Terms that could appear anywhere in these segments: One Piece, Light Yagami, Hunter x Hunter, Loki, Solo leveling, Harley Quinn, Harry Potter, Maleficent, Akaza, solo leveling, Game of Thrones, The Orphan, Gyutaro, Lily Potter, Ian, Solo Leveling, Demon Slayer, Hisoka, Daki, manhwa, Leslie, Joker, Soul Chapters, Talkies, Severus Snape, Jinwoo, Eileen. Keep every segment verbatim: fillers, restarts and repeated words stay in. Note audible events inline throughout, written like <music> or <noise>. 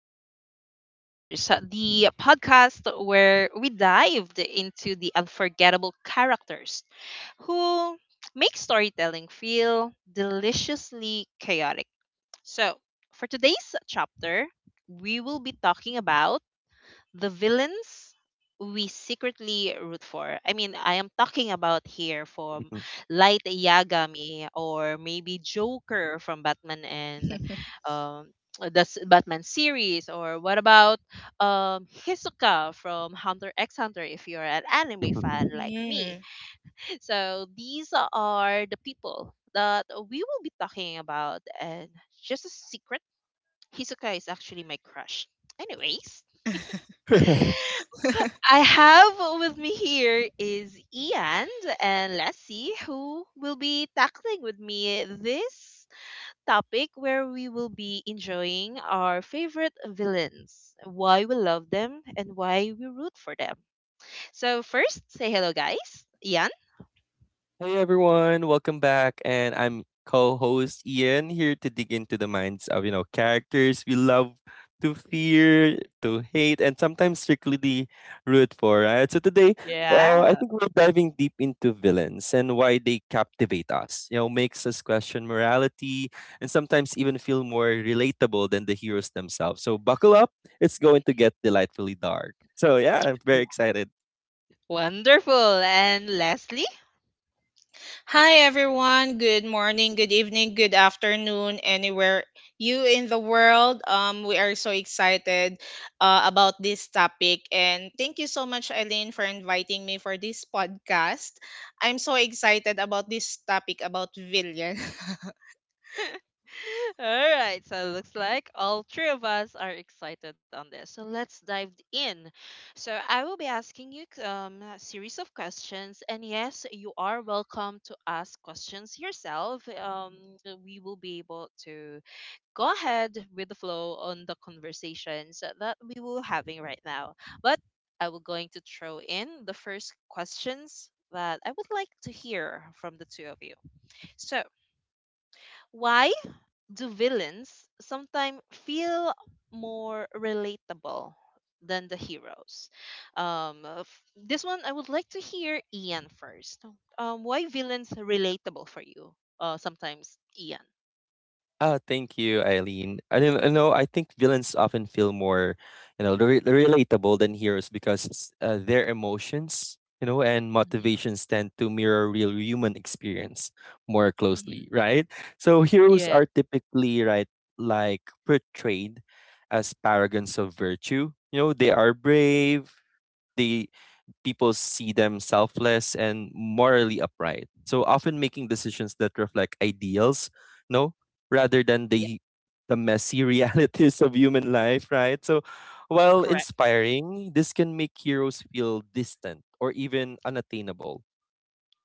to Soul Chapters, uh, the podcast where we dived into the unforgettable characters who make storytelling feel deliciously chaotic. So, for today's chapter, we will be talking about the villains we secretly root for. I mean, I am talking about here from <laughs> Light Yagami or maybe Joker from Batman and <laughs> um, the s- Batman series, or what about um, Hisoka from Hunter x Hunter if you're an anime fan Hey like me. Mm. So these are the people that we will be talking about, and just a secret, Hisoka is actually my crush. Anyways, <laughs> <laughs> I have with me here is Ian and let's see who will be tackling with me this topic where we will be enjoying our favorite villains, why we love them and why we root for them. So first, say hello guys. Ian? everyone, welcome back. And I'm co-host Ian here to dig into the minds of, you know, characters we love to fear, to hate, and sometimes strictly root for, right? So today, uh, I Yeah. think we're diving deep into villains and why they captivate us. You know, makes us question morality and sometimes even feel more relatable than the heroes themselves. So buckle up, it's going to get delightfully dark. So yeah, I'm very excited. Wonderful. And Leslie? Hi, everyone. Good morning, good evening, good afternoon, anywhere you in the world. Um, we are so excited uh, about this topic. And thank you so much, Eileen, for inviting me for this podcast. I'm so excited about this topic about villain. <laughs> <laughs> All right, so it looks like all three of us are excited on this. So let's dive in. So I will be asking you um, a series of questions, and yes, you are welcome to ask questions yourself. Um, we will be able to go ahead with the flow on the conversations that we will having right now. But I will going to throw in the first questions that I would like to hear from the two of you. So why do villains sometimes feel more relatable than the heroes? Um, uh, f- this one I would like to hear Ian first. Um, why villains are relatable for you? Uh, sometimes Ian. Oh, thank you, Eileen. I don't I know. I think villains often feel more, you know, re- relatable than heroes because it's, uh, their emotions, you know, and Hmm motivations tend to mirror real human experience more closely, hmm right? So heroes Yeah, are typically right, like portrayed as paragons of virtue. You know, they are brave. They people see them selfless and morally upright. So often making decisions that reflect ideals, no, rather than yeah, the the messy <laughs> realities of human life, right? So while correct. inspiring, this can make heroes feel distant or even unattainable,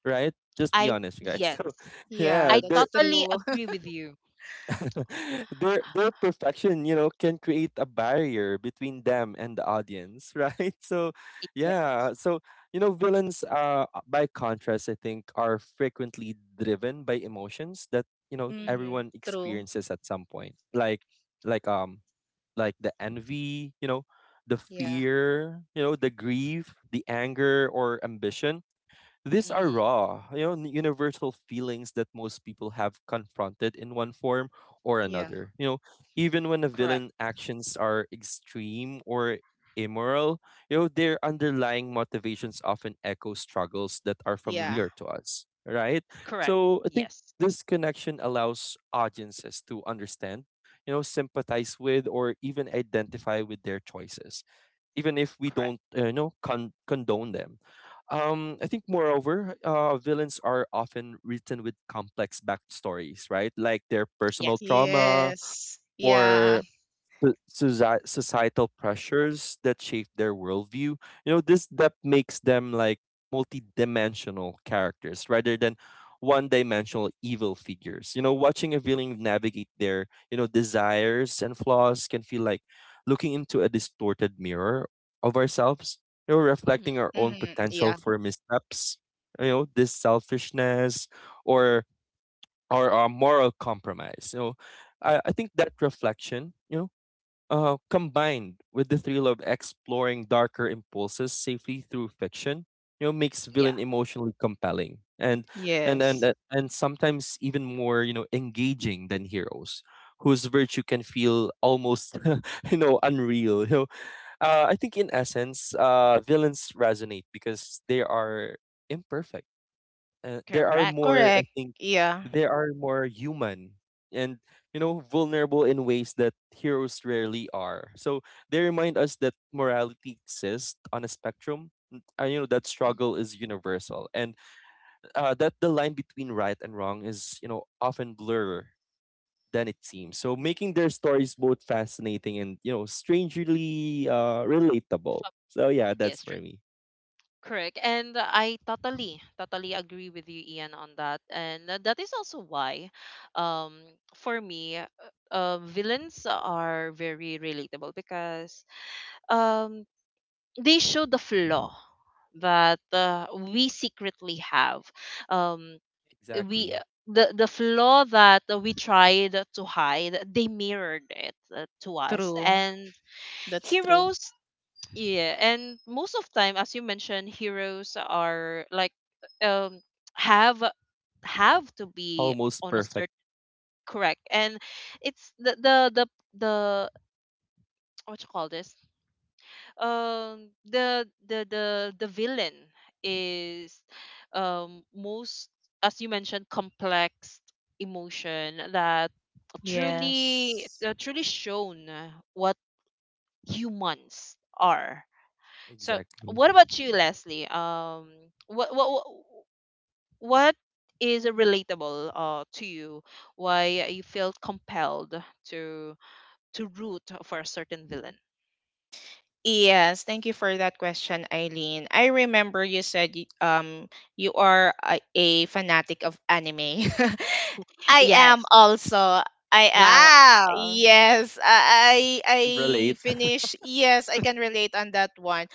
right? Just be I honest, you guys. <laughs> yes, So Yeah, I yeah, there that's totally true. agree with you. <laughs> their their perfection, you know, can create a barrier between them and the audience, right? <laughs> So, Yeah. yeah, so you know, villains, uh, by contrast, I think, are frequently driven by emotions that you know <laughs> Mm-hmm, everyone true. experiences at some point, like like um like the envy, you know, the Yeah, fear, you know, the grief, the anger or ambition. These are Mm-hmm. raw, you know, universal feelings that most people have confronted in one form or yeah, another. You know, even when the Correct, villain actions are extreme or immoral, you know, their underlying motivations often echo struggles that are yeah. familiar to us, right? correct. So I think Yes, this connection allows audiences to understand, you know, sympathize with or even identify with their choices even if we correct. don't uh, you know con- condone them. um I think moreover uh villains are often written with complex backstories, right? Like their Yes. personal trauma Yes. Yeah. or so- soci- societal pressures that shape their worldview. You know, this depth makes them like multidimensional characters rather than one-dimensional evil figures. You know, watching a villain navigate their you know desires and flaws can feel like looking into a distorted mirror of ourselves. You know, hmm reflecting our own Mm-hmm, potential yeah. for missteps. You know, this selfishness or or our moral compromise. You know, I, I think that reflection, you know uh, combined with the thrill of exploring darker impulses safely through fiction, you know, makes Yeah, villain emotionally compelling and and and Yes. uh, and sometimes even more you know engaging than heroes, whose virtue can feel almost <laughs> you know unreal. You know, uh, I think in essence, uh, villains resonate because they are imperfect. Uh, there are correct. more I Correct. think Yeah. there are more human and you know vulnerable in ways that heroes rarely are, so they remind us that morality exists on a spectrum, n- uh, you know, that Mhm. struggle is universal and uh, that the line between right and wrong is you know often blurred than it seems, so making their stories both fascinating and you know strangely uh, relatable. So yeah, that's Yes, for me. correct. And I totally, totally agree with you, Ian, on that. And uh, that is also why, um, for me, uh, uh, villains are very relatable because um, they show the flaw that uh, we secretly have. Um, we Exactly. the the flaw that we tried to hide, they mirrored it uh, to us. True. And That's true. heroes, yeah, and most of time, as you mentioned, heroes are like um have have to be Almost on a perfect. certain. Correct, and it's the the the the what you call this, um the the the the villain is, um, most, as you mentioned, complex emotion that truly Yes. uh, truly shown what humans are. So, Exactly. what about you, Leslie? Um, what what what what is relatable uh to you? Why you feel compelled to to root for a certain villain? Yes, thank you for that question, Eileen. I remember you said y- um you are a, a fanatic of anime. <laughs> I am Yes. also. I am. Wow. Yes, I I I And relatable. finish. Yes, I can relate on that one.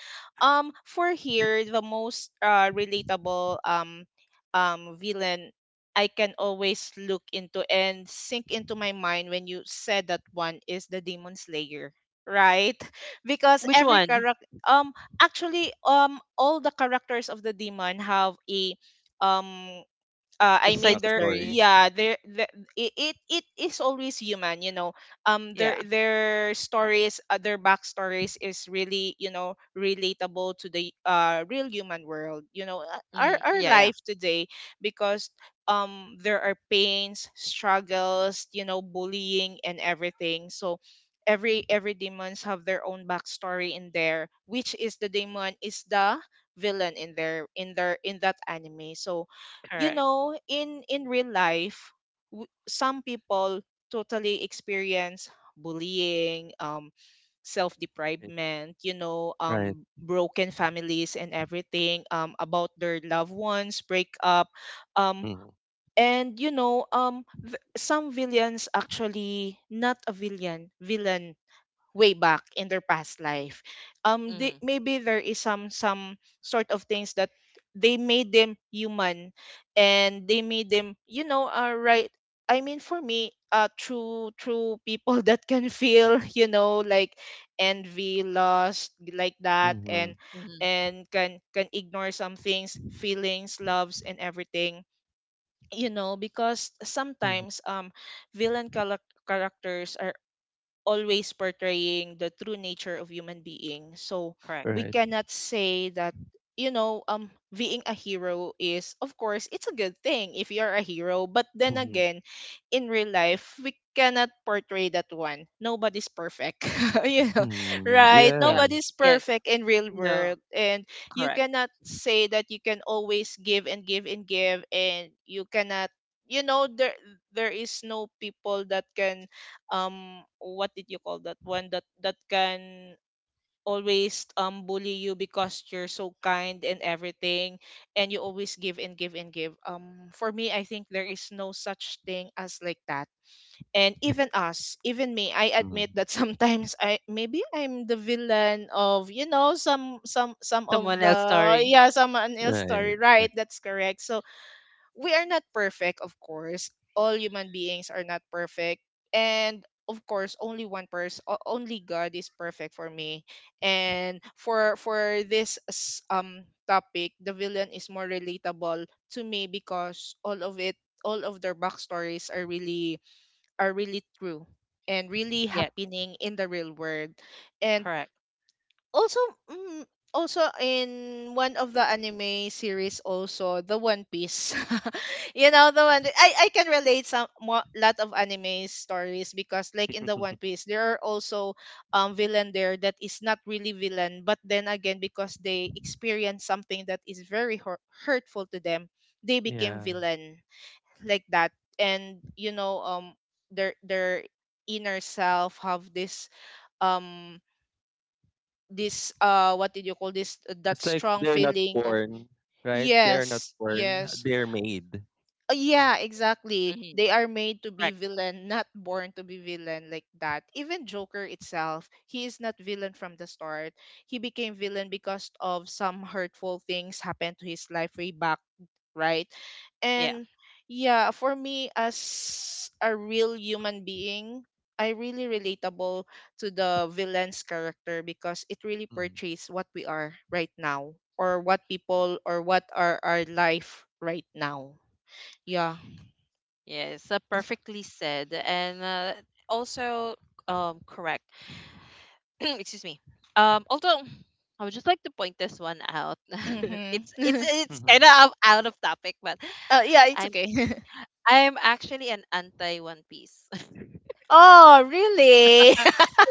Um, for here, the most uh relatable um um villain I can always look into and sink into my mind when you said that one is the Demon Slayer, right? Because Which every one? character, um actually, um all the characters of the demon have a, um uh, A I side mean there, story. Backstories. yeah, there the, it, it it is always human, you know. um Yeah. their their stories, uh, their backstories is really, you know, relatable to the uh real human world, you know, uh, our hmm our Yeah. Yeah. life today, because um there are pains, struggles, you know, bullying and everything. So every every demons have their own backstory in there, which is the demon is the villain in their in their in that anime. So, you Correct. know, in in real life, w- some people totally experience bullying, um self Right. deprivement, you know, Right. um broken families and everything, um about their loved ones break up, um Mhm. and, you know, um v- some villains actually not a villain villain way back in their past life. um they, Hmm maybe there is some some sort of things that they made them human, and they made them, you know, uh, right. I mean, for me, uh true true people <laughs> that can feel, you know, like envy, lust, like that. and Mhm. hmm and can can ignore some things, feelings, loves and everything, you know, because Mhm. sometimes, um villain charac- characters are always portraying the true nature of human being. So Correct. we Right. cannot say that, you know, um being a hero is, of course, it's a good thing if you're a hero, but then Mhm. again, in real life we cannot portray that one, nobody's perfect. <laughs> You know, Mhm. right, Yeah. Yeah. nobody's Yes. perfect in real No. world, and you Correct. cannot say that you can always give and give and give, and you cannot, you know, there there is no people that can, um what did you call that one, that that can always um bully you because you're so kind and everything, and you always give and give and give. um for me, I think there is no such thing as like that. And even us, even me, I admit Mhm. that, <laughs> sometimes I, maybe I'm the villain of, you know, some some some of Someone else the story. yeah, someone else Right. story, Right. right, that's correct. So we are not perfect, of course. All human beings are not perfect. And of course, only one person, only God is perfect for me. And for for this s- um topic, the villain is more relatable to me because all of it, all of their backstories are really, are really true, and really Yes. happening in the real world. And Correct. also, mm, also in one of the anime series, also the One Piece. <laughs> You know, the one i i can relate some, mo- lot of anime stories, because like in the One <laughs> Piece there are also um villain there that is not really villain, but then again, because they experience something that is very hur- hurtful to them, they became Yeah. villain like that. And you know, um their their inner self have this, um this, uh what did you call this, that It's like strong they're not feeling of... born, right? They are not Yes, born. yes, They're made. uh, yeah, exactly. Hmm They are made to be Correct. villain, not born to be villain like that. Even Joker itself, he is not villain from the start. He became villain because of some hurtful things happened to his life way back, right? Yeah. And yeah, for me as a real human being, I really relatable to the villain's character because it really Mhm. portrays what we are right now, or what people, or what are our life right now. Yeah. Yes, uh, perfectly said, and uh, also, um, correct. <clears throat> Excuse me. Um, although I would just like to point this one out. <laughs> it's it's Mm-hmm. it's kind Mhm. of out of topic, but <laughs> Oh, yeah, it's I'm okay. <laughs> I'm actually an anti One Piece. <laughs> Oh, really?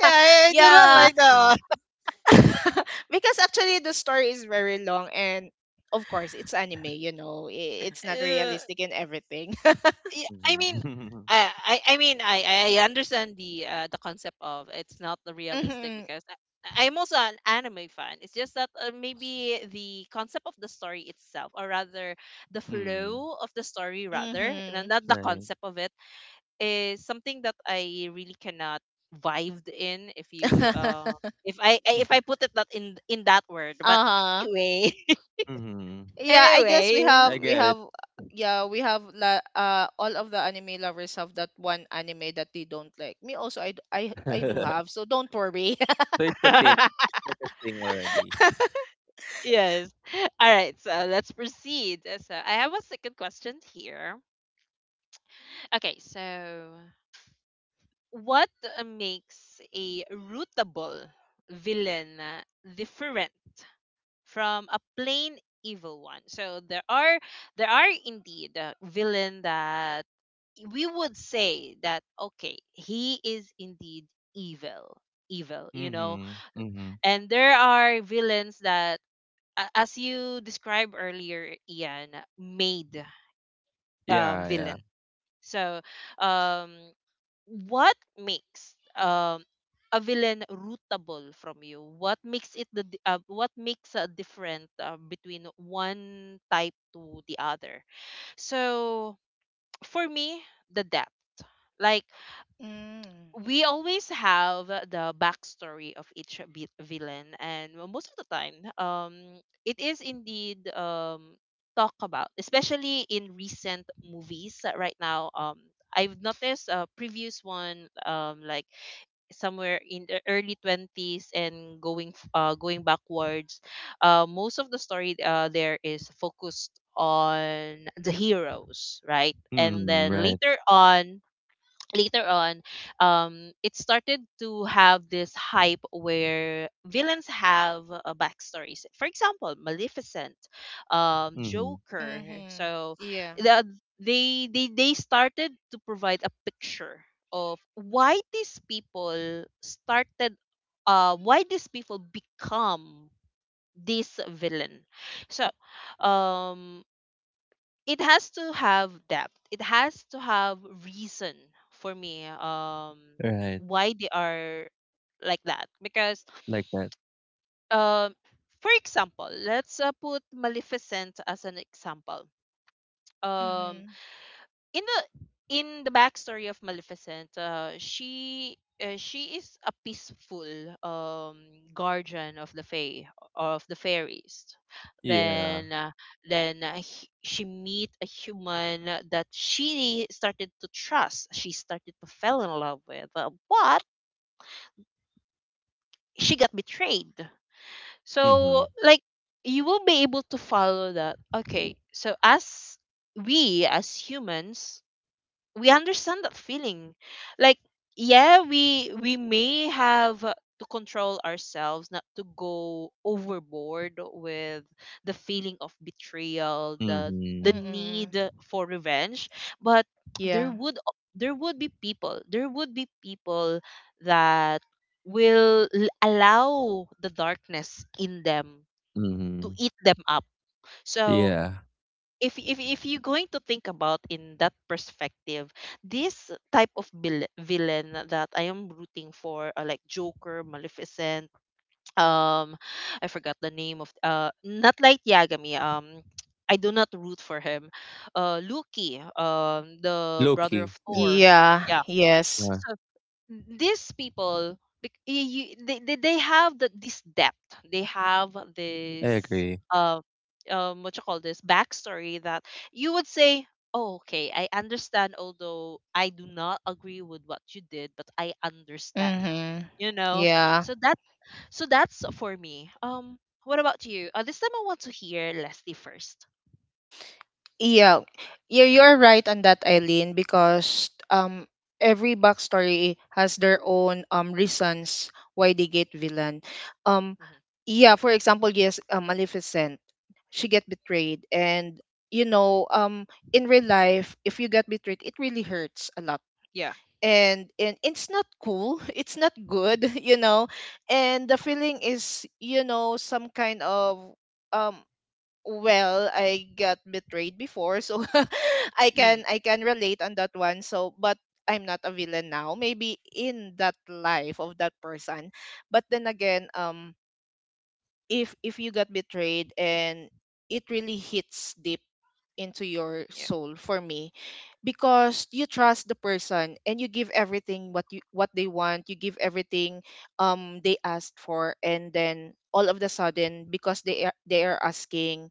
Yeah, I, I do not Yeah. like that Interesting. <laughs> Because actually the story is very long, and of course it's anime, you know. i- It's not one. <laughs> realistic and everything. Yeah, I mean, Mhm. I, I, I mean, I, I I understand the uh, the concept of it's not the <laughs> realistic Mhm. because I, I'm also an anime fan. It's just that uh, maybe the concept of the story itself, or rather, the Mhm. flow <laughs> of the story, rather, and Mhm. not the Right. concept of it, is something that I really cannot vibe in. If you, uh, <laughs> if I, I, if I put <laughs> it that in in that word, but Uh-huh. anyway, <laughs> Mhm. Yeah, I guess we anyway. have I we get have it. yeah, we have, la- uh all of the anime lovers have that one anime that they don't like. Me also, I d- I I do have, <laughs> so don't worry. So it's a thing. <laughs> It's like a thing already. <laughs> Yes. <laughs> All right, so let's proceed. Uh, So I have a second question here. Okay, so what uh, makes a rootable villain uh, different from a plain evil one? So there are, there are indeed uh, villain that we would say that okay, he is indeed evil, evil, you know. Mhm. Mhm. And there are villains that a- as you described earlier, Ian, made, um, Yeah, yeah. villain. So, um, what makes, um, a villain rootable from you? What makes it the di- uh, what makes a different uh, between one type to the other? So, for me, the depth. Like Mm. we always have the backstory of each vi- villain and most of the time, um, it is indeed, um, talk about, especially in recent movies, uh, right now. Um, I've noticed a previous one, um, like somewhere in the early twenties and going f- uh going backwards, uh most of the story, uh there is focused on the heroes, right? And Mhm. then Right. later on, later on, um, it started to have this hype where villains have uh, backstories. For example, Maleficent, um, Mhm. Joker. Mhm. So Yeah. the, they they they started to provide a picture of why these people started, uh, why these people become this villain. So, um, it has to have depth. It has to have reason for me, um, Right. why they are like that because, Like that. um, for example, let's uh, put Maleficent as an example. Um Mm-hmm. in the in the backstory of Maleficent, uh, she uh, she is a peaceful, um, guardian of the fae, of the fairies. Yeah. Then uh, then uh, h- she meet a human that she started to trust. She started to fell in love with, uh, but she got betrayed. So Mhm. like you will be able to follow that. Okay, so as we, as humans, we understand that feeling. Like, yeah, we we may have uh, to control ourselves not to go overboard with the feeling of betrayal, the the Mhm. Mm-mm. need for revenge, but there Yeah. would al- there would be people there would be people that will l- allow the darkness in them to Mhm. eat them up. So Yeah. if if if you're going to think about in that perspective, this type of vil- villain that I am rooting for, uh, like Joker, Maleficent, um, I forgot the name of uh, not like Yagami. Um, I do not root for him. Uh, Loki, um, the brother of Low-key. Yeah. Thor. Yeah. Yeah. Yes. Yeah. So these people bec- y- you, they, they they have the, this depth. They have I this, agree. uh, um, what you call this, backstory, that you would say, oh, okay, I understand, although I do not agree with what you did, but I understand, Mm-hmm. you know. Yeah. So that, so that's for me, um, what about you? Uh, this time I want to hear Leslie first. Yeah. Yeah, you're right on that, Eileen, because um every backstory has their own um reasons why they get villain. Um Hmm yeah, for example, yes, uh, Maleficent, she get betrayed and, you know, um in real life, if you get betrayed, it really hurts a lot, yeah and and it's not cool, <laughs> it's not good. <laughs> You know, and the feeling is, you know, some kind of, um well, I got betrayed before, so <laughs> i mm can i can relate on that one, so. But I'm not a villain now, maybe in that life of that person. But then again, um if if you got betrayed and it really hits deep into your yeah. soul, for me, Yeah. because you trust the person, and you give everything what you what they want, you give everything um they asked for. And then all of the sudden, because they are, they are asking,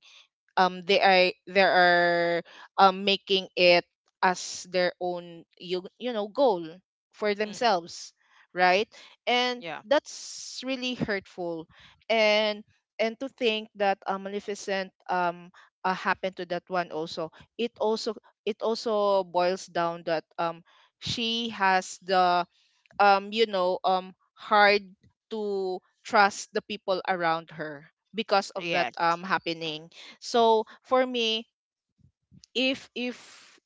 um they are they are, um making it as their own, you you know, goal for mm themselves, right? And yeah that's really hurtful. And and to think that, uh, Maleficent, um uh, happened to that one also, it also, it also boils down that, um she has the, um you know, um hard to trust the people around her because of that yes. um happening. So for me, if if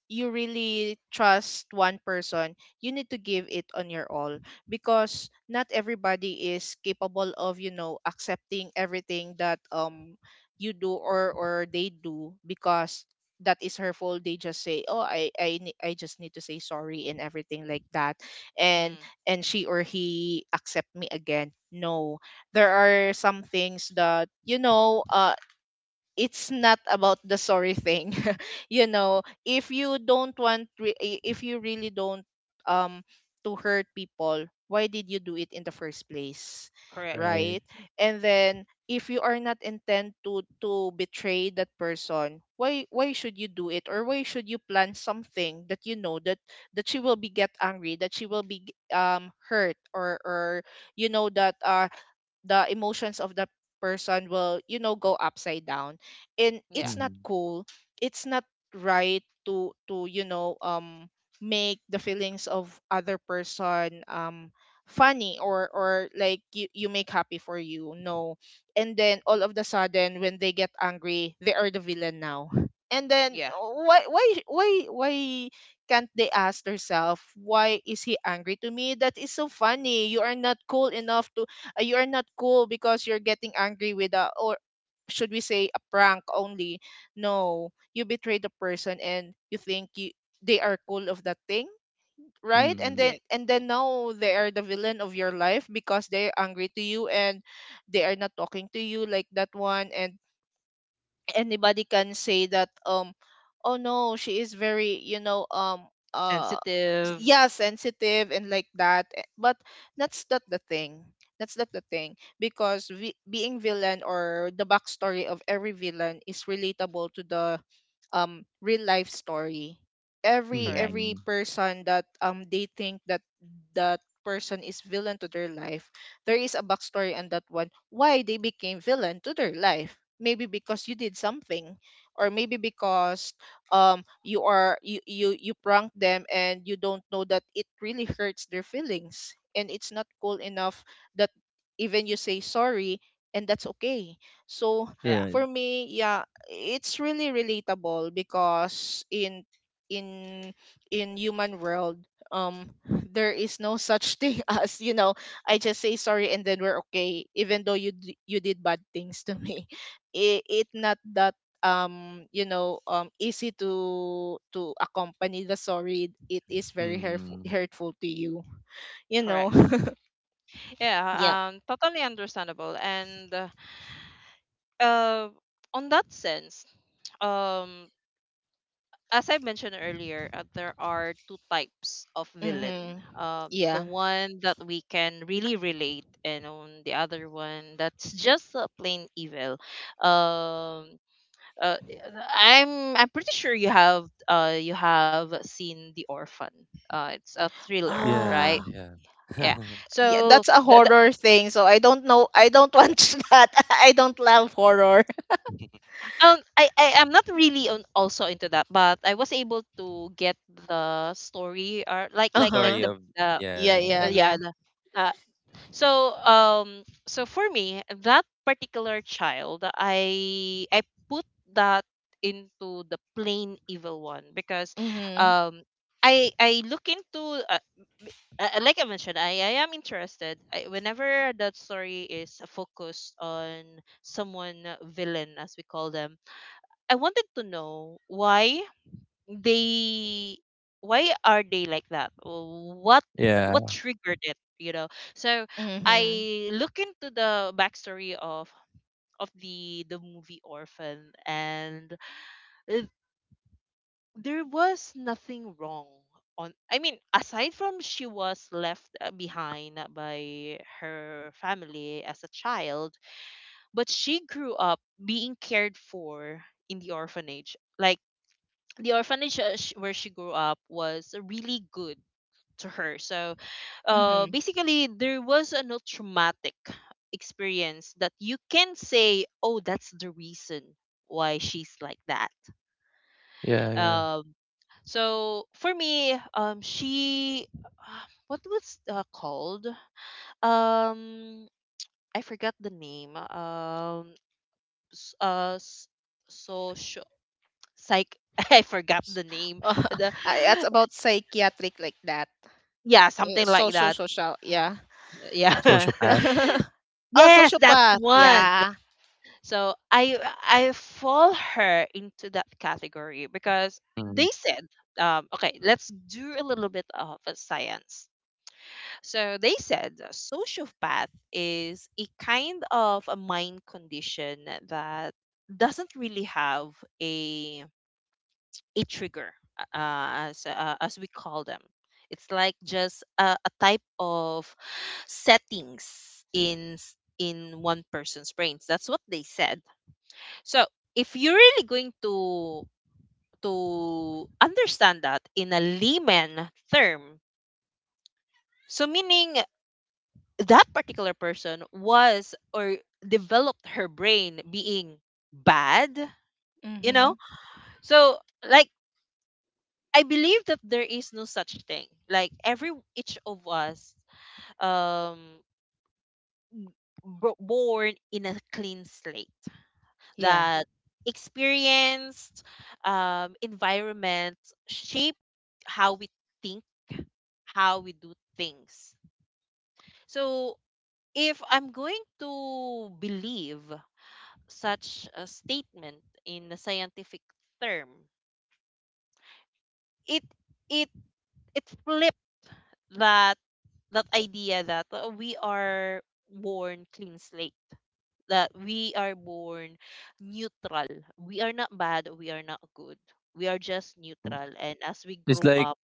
you really trust one person, you need to give it on your all, because not everybody is capable of, you know, accepting everything that, um you do or or they do. Because that is her fault, they just say, oh, i i ne- i just need to say sorry and everything like that. and hmm and she or he accept me again. No, there are some things that, you know, uh it's not about the sorry thing. <laughs> You know, if you don't want, re- i- if you really don't, um to hurt people, why did you do it in the first place, correct. Right. right? And then if you are not intent to to betray that person, why why should you do it? Or why should you plan something that, you know, that that she will be get angry, that she will be um hurt, or or you know that, uh, the emotions of that person will, you know, go upside down, and Yeah. it's not Mhm. cool. It's not right to, to you know, um make the feelings of other person, um funny, or or like you, you make happy for you. No. And then all of the sudden when they get angry, they are the villain now. <laughs> And then, Yeah, uh, why why why why can't they ask herself, why is he angry to me? That is so funny. You are not cool enough to, uh, you are not cool because you're getting angry with a, or should we say, a prank only. No. You betrayed the person, and you think you they are cool of that thing, right? and Mhm. then yeah. and Yeah. then now they are the villain of your life because they're angry to you, and they are not talking to you like that one. And anybody can say that, um oh no, she is very, you know, um uh s- Sensitive. yeah, sensitive, and like that, eh, but that's not the thing, that's not the thing, because vi- being villain, or the backstory of every villain, is relatable to the um real life story. every Correct. every Mhm. person that, um they think that, that person is villain to their life, there is a backstory on that one why they became villain to their life. Maybe because you did something, or maybe because, um you are, you you you prank them, and you don't know that it really hurts their feelings, and it's not cool enough that even you say sorry and that's okay. So You're Yeah, right. for me, yeah, it's really relatable because in in in human world, um there is no such thing <laughs> as, you know, I just say sorry and then we're okay, even though you d- you did bad things to me. <laughs> It, it not that, um you know, um easy to to accompany the sorry. It is very hurtful Mhm. hurtful to you. You know. correct. <laughs> Yeah, Yeah. um, totally understandable. And uh, uh, on that sense, um, as I mentioned earlier, uh, there are two types of villain. Mhm. Um, the Yeah. one that we can really relate, and on the other one that's just a plain evil. Um, uh, I'm I'm pretty sure you have uh you have seen The Orphan. Uh, it's a thriller, Yeah, right? Ah. yeah. uh, Yeah, <laughs> yeah, so that's a the, the, horror thing. So I don't know. I don't watch <laughs> that. I don't love horror. <laughs> um, I, I I'm not really on, also into that, but I was able to get the story, or like The Uh like like story huh. the of the yeah, Yeah. Yeah. yeah. uh, Yeah. yeah, the, uh, so, um, so for me, that particular child, I I put that into the plain evil one because, Mhm. um, I I look into, uh, uh, uh, like I mentioned, I, I am interested. I, whenever that story is focused on someone, uh, villain, as we call them, I wanted to know why they, why are they like that? Wh- what what Yeah, triggered it, you know? So Mhm. I look into the backstory of of the the movie Orphan, and, uh, there was nothing wrong on, I mean, aside from she was left uh, behind by her family as a child, but she grew up being cared for in the orphanage. Like the orphanage, uh, sh- where she grew up was really good to her. So, uh, Mhm. basically, there was a no traumatic experience that you can say, oh, that's the reason why she's like that. yeah, yeah. Um, so for me, um, she, <sighs> uh, what was uh, called? Um, I forgot the name. Um, s- uh, s- social psych. <laughs> I forgot the <laughs> name. Uh, The that's about psychiatric like that. yeah, Uh, something like Social, that. social, yeah. Yeah. <laughs> Sociopath. <laughs> Oh, Yes, that's sociopath, one. yeah. So I I fall her into that category because Mm. they said, um, okay, let's do a little bit of a science. So they said a sociopath is a kind of a mind condition that doesn't really have a a trigger, uh, as uh, as we call them. It's like just a, a type of settings in s- in one person's brains. That's what they said. So if you're really going to to understand that in a layman term, so meaning that particular person was or developed her brain being bad, you Mm-hmm. know? So like I believe that there is no such thing. Like every each of us, um, bro- born in a clean slate Yeah. that experienced, um, environment shape how we think, how we do things. So if I'm going to believe such a statement in a scientific term, it it it flipped that that idea that uh, we are born clean slate, that we are born neutral. We are not bad, we are not good. We are just neutral. And as we It's grow like up,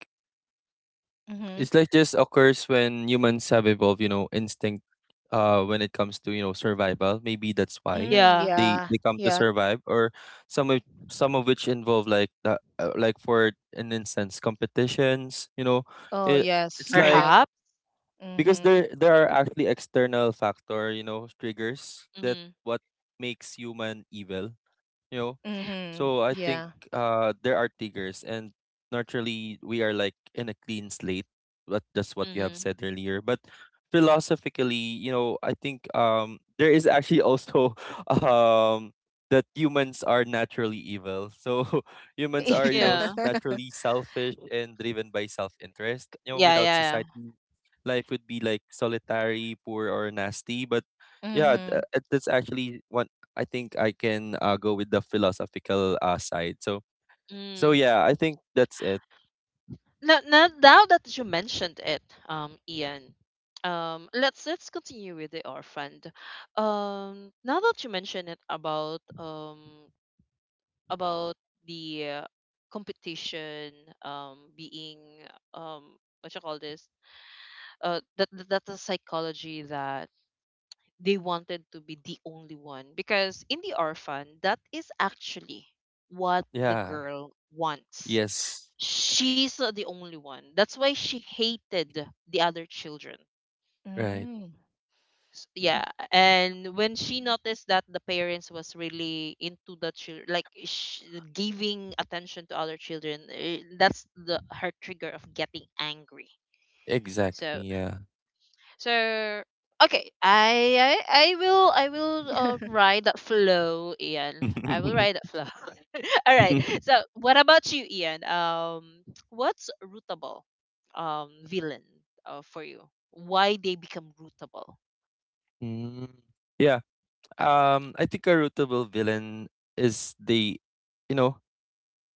Mm-hmm. It's like just occurs when humans have evolved, you know, instinct uh when it comes to, you know, survival. Maybe that's why Mm, yeah, they yeah. they come to Yeah. survive or some of some of which involve like the uh, like for an instance competitions, you know. Oh, It yes, it's like correct. perhaps. because Mm-hmm. there there are actually external factor, you know, triggers that Mm-hmm. what makes human evil you know. Mm-hmm. So I think Yeah. uh there are tigers and naturally we are like in a clean slate, but that's what you have Mm-hmm. said earlier. But philosophically you know I think um there is actually also <laughs> um that humans are naturally evil. So <laughs> humans are you know Yeah. s- naturally <laughs> selfish and driven by self-interest, you know, Yeah, yeah, without yeah. society life would be like solitary, poor or nasty. But yeah, Mm-hmm. th- uh, that's actually one I think I can uh, go with the philosophical uh, side. So so Mm. yeah, I think that's it. Now, now, now that you mentioned it, um, Ian, um, let's let's continue with the orphan. Um, now that you mentioned it about um about the uh, competition um being um what you call this, uh, that that- that's a psychology that they wanted to be the only one, because in the orphan that is actually what the Yeah. girl wants. Yes. She's not the only one, that's why she hated the other children. Right. Mm. S- yeah, and when she noticed that the parents was really into the children, like sh- giving attention to other children, eh, that's the her trigger of getting angry. Exactly. so Yeah. So okay, I I, I will I will uh, <laughs> ride that flow, Ian. I will ride that <laughs> flow. <laughs> All right. So what about you, Ian? Um, what's rootable, um, villain, uh, for you? Why they become rootable? Mm. Yeah. Um, I think a rootable villain is the, you know,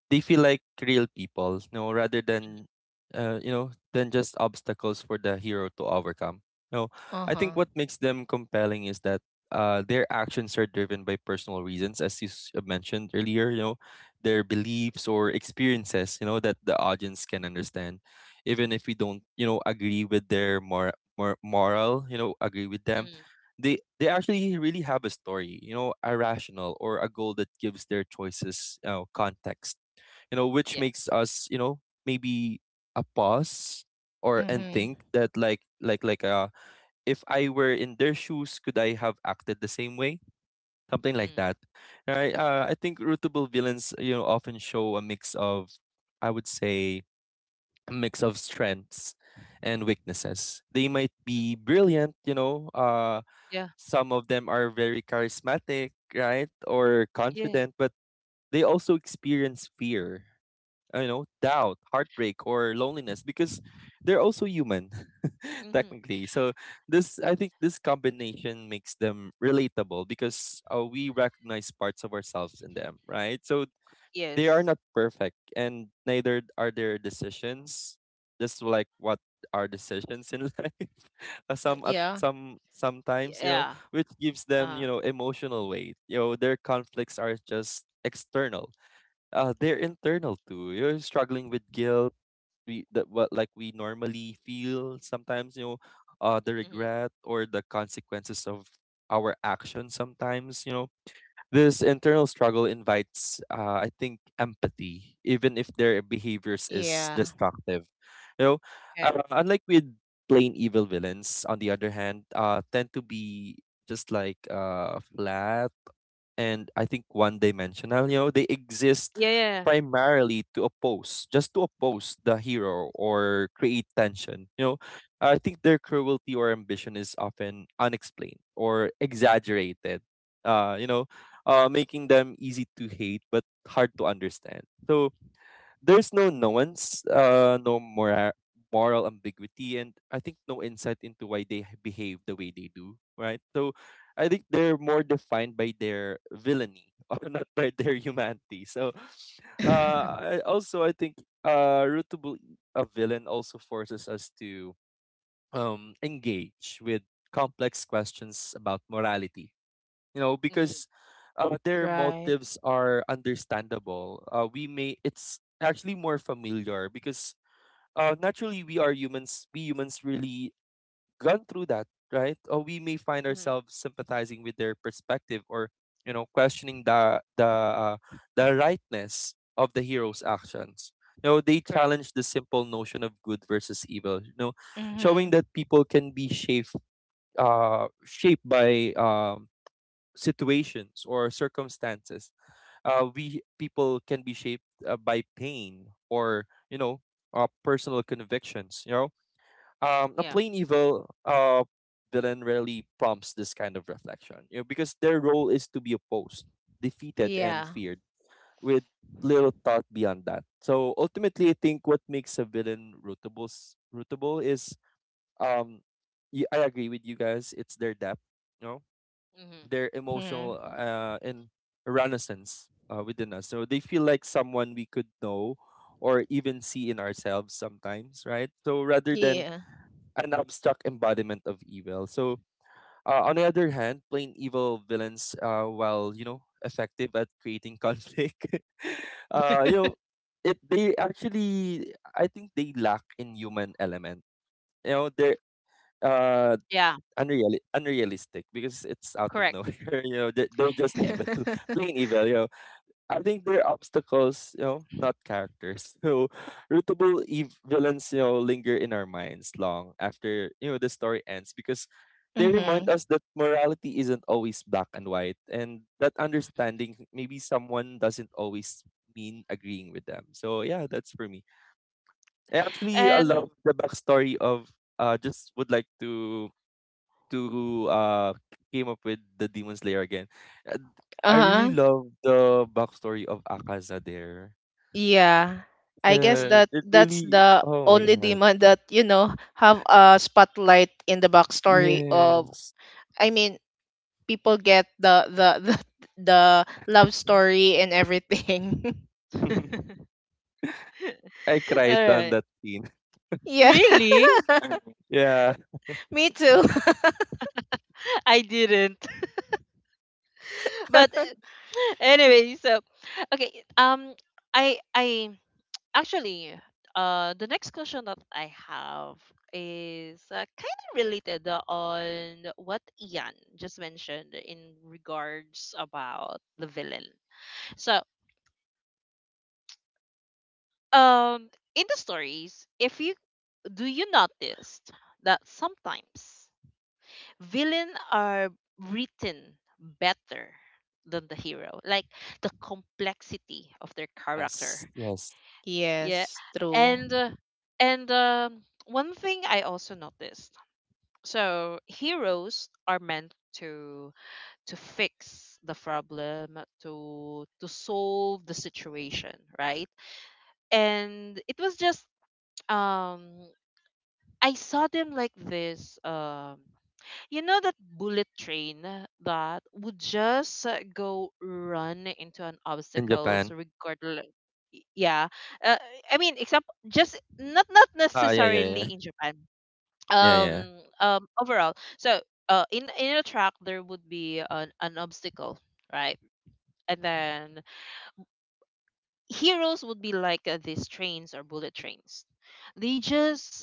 they feel like real people, you know, rather than uh, you know, than just obstacles for the hero to overcome. You know, I Uh-huh. think what makes them compelling is that uh, their actions are driven by personal reasons, as you s- uh, mentioned earlier. You know, their beliefs or experiences. You know that the audience can understand, even if we don't, you know, agree with their mor- mor- moral. You know, agree with them. Mm, They they actually really have a story. You know, a rational or a goal that gives their choices you know context, you know, which yeah. makes us you know maybe a pause or and Mm-hmm. think that like like like uh if I were in their shoes, could I have acted the same way, something like Mm, that, right? uh, I think rootable villains you know often show a mix of I would say a mix of strengths and weaknesses. They might be brilliant, you know, uh yeah. some of them are very charismatic, right, or Yeah. confident, but they also experience fear, you know, doubt, heartbreak, or loneliness because they're also human, <laughs> Mm-hmm. technically. So this, I think, this combination makes them relatable because uh, we recognize parts of ourselves in them, right? So they are Yes. not perfect, and neither are their decisions. Just like what our decisions in life, <laughs> Uh, Mm-hmm. some uh, Yeah. some sometimes you know, Yeah. which gives them Uh. you know emotional weight. You know, their conflicts are just external, uh they're internal too. You're struggling with guilt, we that what like we normally feel sometimes, you know, uh the Mm-hmm. regret or the consequences of our actions sometimes, you know. This internal struggle invites uh I think empathy, even if their behaviors is Yeah. destructive. You know, Yeah. uh, unlike with plain evil villains, on the other hand, uh tend to be just like uh flat and I think one dimensional. You know, they exist Yeah. Yeah. primarily to oppose, just to oppose the hero or create tension. You know, I think their cruelty or ambition is often unexplained or exaggerated. Uh, you know, Mm-hmm. uh, making them easy to hate but hard to understand. So there's no nuance, uh, no mora- moral ambiguity, and I think no insight into why they h- behave the way they do, right? So I think they're more defined by their villainy <laughs> or not by their humanity. So <laughs> uh, I, also, I think uh, rootable e, a villain also forces us to um, engage with complex questions about morality, you know, Mm-hmm. because uh, their Right. motives are understandable. Uh, we may, it's actually more familiar because uh, naturally we are humans, we humans really gone through that, right? Or we may find Mm-hmm. ourselves sympathizing with their perspective or you know questioning the the uh, the rightness of the hero's actions. You know, they Correct. challenge the simple notion of good versus evil, you know, showing Mm-hmm. that people can be shaped uh shaped by um situations or circumstances. Uh, we people can be shaped uh, by pain or you know uh, personal convictions, you know. um, a Yeah. plain evil uh, villain rarely prompts this kind of reflection, you know, because their role is to be opposed, defeated and Yeah. feared with little thought beyond that. So ultimately I think what makes a villain rootable rootable is um y- I agree with you guys, it's their depth, no, Mm-hmm. their emotional Mm-hmm. uh, and renaissance uh, within us. So they feel like someone we could know or even see in ourselves sometimes, right? So rather than Yeah. an abstract embodiment of evil. So uh, on the other hand, plain evil villains, uh, while you know effective at creating conflict, <laughs> uh, you know, it they actually I think they lack in human element. You know, they uh <laughs> Yeah, unreal unrealistic because it's out of correct. nowhere. <laughs> You know, they're, they're just evil, <laughs> <laughs> plain evil. You know, I think they're obstacles. You know, not characters. <laughs> So, rootable ev- villains. You know, linger in our minds long after you know the story ends because they remind Mm-hmm. us that morality isn't always black and white, and that understanding maybe someone doesn't always mean agreeing with them. So yeah, that's for me. I actually I And love the backstory of. Uh, just would like to to uh came up with the Demon Slayer again. And I really Uh-huh. love the backstory of Akaza there. Yeah. I guess hmm. Yes, that it that's really. the Oh my only god. demon that, you know, have a spotlight in the backstory of. Yes, I mean, people get the the <laughs> the, the love story and everything. <laughs> I <laughs> All cried on right. that scene. <laughs> <laughs> Yeah. Really? <laughs> Yeah. Me too. <laughs> <laughs> I didn't. <laughs> But <laughs> anyway, so okay. Um, I I actually, uh the next question that I have is uh, kind of related on what Ian just mentioned in regards about the villain. So um in the stories, if you do you notice that sometimes villain are written better than the hero, like the complexity of their character. Yes. Yes. Yeah. Yes, true. And uh, and um, one thing I also noticed, so heroes are meant to to fix the problem, to to solve the situation, right? And it was just, um I saw them like this, um you know that bullet train that would just uh, go run into an In obstacles Japan. regardless. Yeah, uh, I mean, example, just not not Ah. Yeah. Yeah. necessarily Yeah. in Japan. Yeah. Yeah. Um, um, overall, so uh, in in a track there would be an, an obstacle, right? And then heroes would be like uh, these trains or bullet trains. They just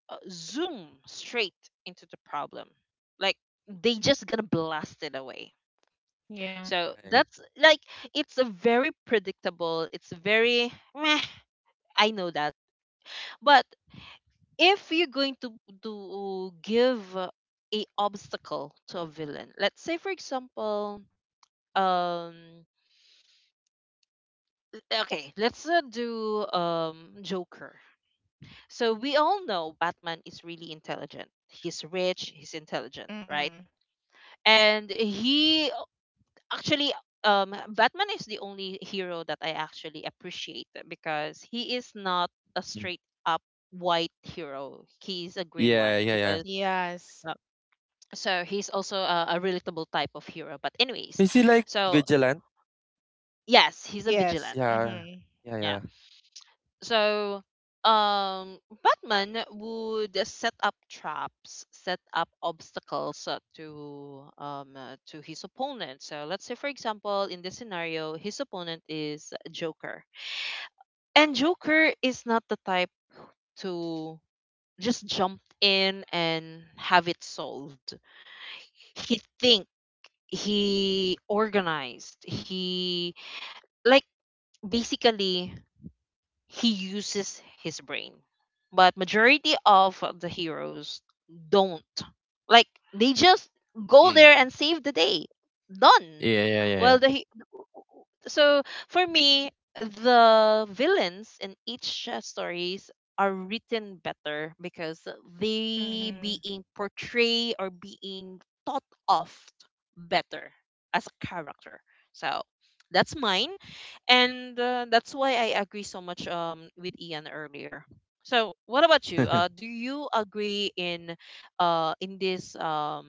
uh, zoom straight into the problem, like they just gonna blast it away. Yeah. So Right. that's like, it's a very predictable. It's very meh. I know that. But if you're going to to give a obstacle to a villain, let's say for example, um, okay, let's uh, do um Joker. So we all know Batman is really intelligent. He's rich. He's intelligent, right? Mm-hmm. And he actually, um Batman is the only hero that I actually appreciate because he is not a Mm. straight up white hero. He's a gray one. Yeah. Yeah. Yeah. Because uh, Yes. so he's also a, a relatable type of hero. But anyways, Is he like so vigilant? yes, he's a vigilant. Yes. Yeah. Mm-hmm. Yeah. Yeah. Yeah. So, um, Batman would set up traps, set up obstacles uh, to um uh, to his opponent. So, let's say for example, in this scenario, his opponent is Joker, and Joker is not the type to just jump in and have it solved. He think, he organized. He, like, basically he uses his brain. But majority of the heroes don't. Like they just go there Mm. and save the day. Done. Yeah. Yeah. Yeah. Well, the he- so for me, the villains in each uh, stories are written better because they Mm-hmm. being portrayed or being thought of better as a character. So that's mine, and uh, that's why I agree so much um with Ian earlier. So what about you? Yeah. Uh, <laughs> do you agree in uh in this um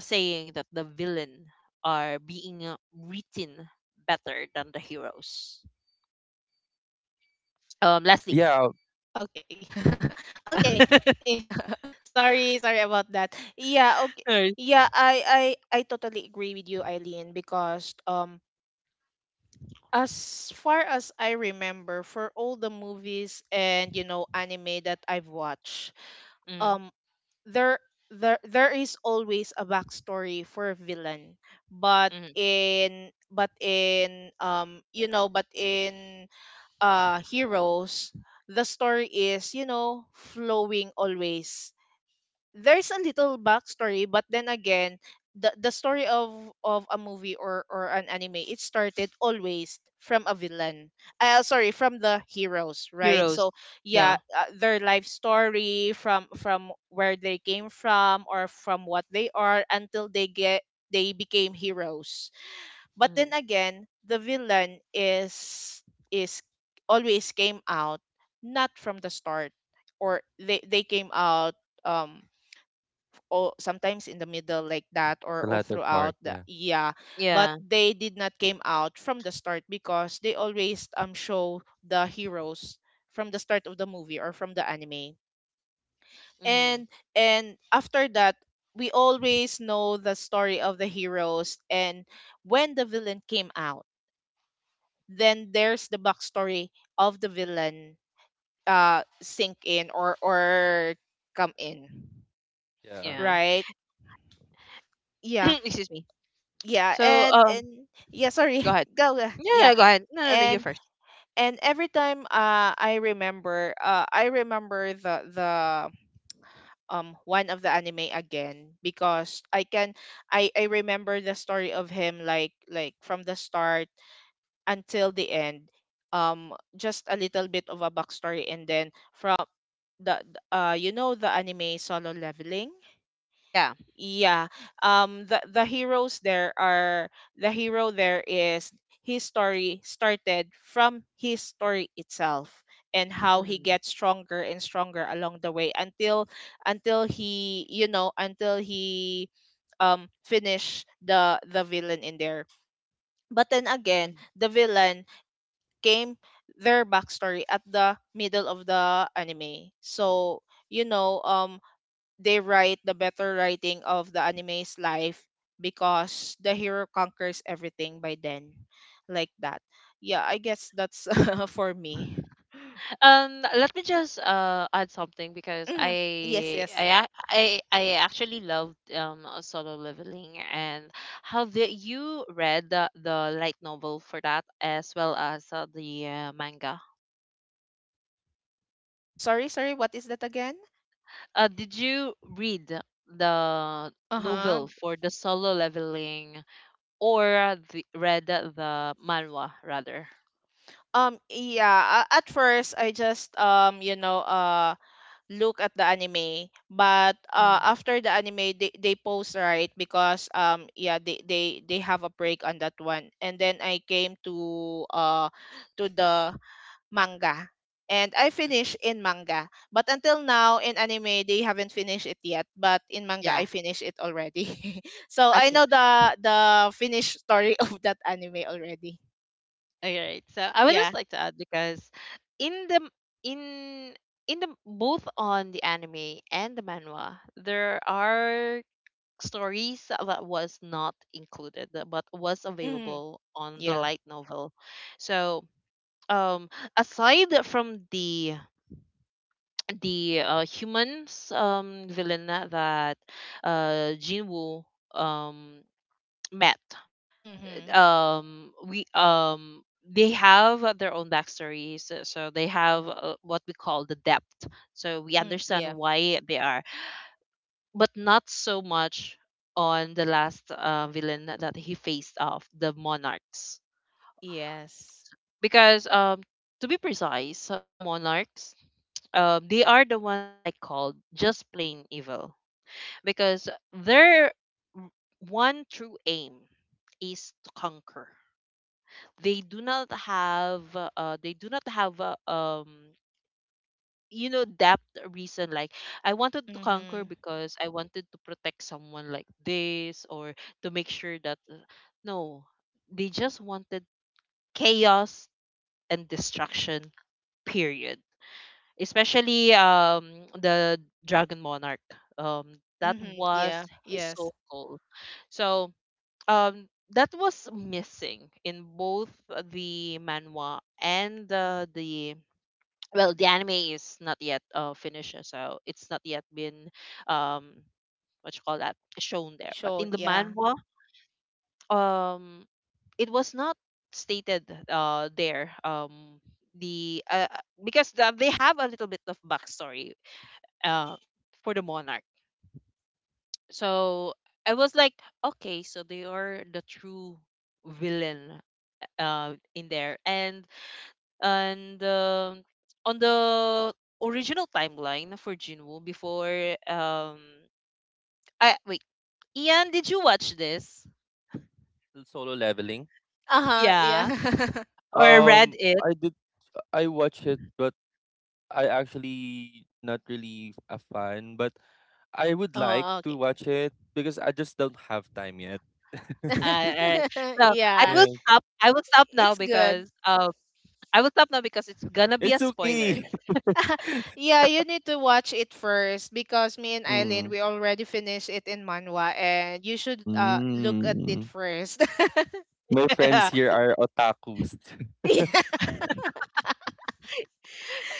saying that the villain are being uh, written better than the heroes? Um, Leslie. yeah. Okay. <laughs> Okay. <laughs> Yeah. <laughs> Sorry, sorry about that. Yeah, okay. Right. Yeah, I I I totally agree with you, Eileen, because um as far as I remember for all the movies and you know anime that I've watched, um Mm. there there there is always a backstory for a villain. But Mm. in but in um you know, but in uh heroes, the story is you know flowing always. There's a little backstory, but then again, the the story of of a movie or or an anime, it started always from a villain. Uh sorry, from the heroes, <laughs> right? So Heroes. yeah, Yeah. uh, their life story from from where they came from or from what they are until they get they became heroes. But Mm, then again, the villain is is always came out not from the start, or they they came out, um or sometimes in the middle like that, or The all latter part. throughout the, Yeah. yeah. But yeah. they did not came out from the start because they always um show the heroes from the start of the movie or from the anime. Hmm. And and after that, we always know the story of the heroes, and when the villain came out, then there's the backstory of the villain uh sink in, or or come in, Yeah. Yeah. right? Yeah. <clears throat> Excuse me. Yeah, So and uh, and yeah, sorry. go ahead. <laughs> Go, go. Yeah. Yeah, go ahead. No, no, no. You and first. and every time, uh i remember uh I remember the the, um one of the anime again, because i can i i remember the story of him like like from the start until the end. Um, just a little bit of a backstory, and then from the the- uh, you know, the anime Solo Leveling. Yeah. Yeah. Um, the the heroes there are the hero there is, his story started from his story itself and how he Mm-hmm. gets stronger and stronger along the way until until he, you know until he um finish the the villain in there. But then again, the villain came, their backstory, at the middle of the anime. So, you know, um they write the better writing of the anime's life because the hero conquers everything by then. Like that. Yeah, I guess that's <laughs> for me. Um, let me just uh add something, because Mhm. Yes, I I yes. ac- I I actually loved um uh, Solo Leveling, and how the, you read the, the light novel for that as well as uh, the uh, manga. Sorry, sorry, what is that again? Uh, did you read the Uh-huh. novel for the Solo Leveling, or the, read the manhwa rather? Um yeah, a- at first, I just um you know uh look at the anime. But Mm. uh after the anime, they, they post, right? Because um yeah, they, they they have a break on that one, and then I came to uh to the manga, and I finished in manga, but until now in anime they haven't finished it yet, but in manga I Yeah. finished it already. <laughs> So I know Okay. the the finished story <laughs> of that anime already. All right. So I would Yeah. just like to add, because in the in in the both on the anime and the manhwa, there are stories that was not included but was Mm-hmm. available on the Yeah. light novel. So um aside from the the uh, humans um villain that uh Jinwoo um met, Mm-hmm. um we, um they have uh, their own backstories, so so they have uh, what we call the depth, so we Mm, understand yeah. why they are. But not so much on the last uh, villain that he faced off, the monarchs. Yes. Because um to be precise, uh, the monarchs, um they are the one that I called just plain evil. Because their w- one true aim is to conquer. They do not have, uh they do not have, uh, um you know, depth reason, like, I wanted to conquer Mm-hmm. because I wanted to protect someone, like this, or to make sure that, uh, no, they just wanted chaos and destruction, period. Especially um the dragon monarch, um that Mhm. Yeah. was his Yes. sole goal. So um that was missing in both the manhwa and uh, the, well, the anime is not yet uh, finished, so it's not yet been um what you call that, shown there, but in Shown. the Yeah. manhwa um it was not stated uh there, um the uh, uh, because the, they have a little bit of backstory uh for the monarch. So I was like, okay, so they are the true villain uh, in there. And and um on the original timeline for Jinwoo before, um I wait, Ian, did you watch this? The Solo leveling. Uh huh. Yeah, Yeah. <laughs> or read Um, it? I did. I watch it, but I actually not really a fan. But I would like Oh, okay. to watch it because I just don't have time yet. Uh, <laughs> alright. So I <laughs> Yeah. will yeah, stop I will stop now, It's good. because um I will stop now because it's gonna be a it's spoiler. okay. <laughs> <laughs> Yeah, you need to watch it first because me and Eileen mm. we already finished it in manhwa, and you should uh look at it Mm. first. My friends here <laughs> are otakus. <laughs> Yeah.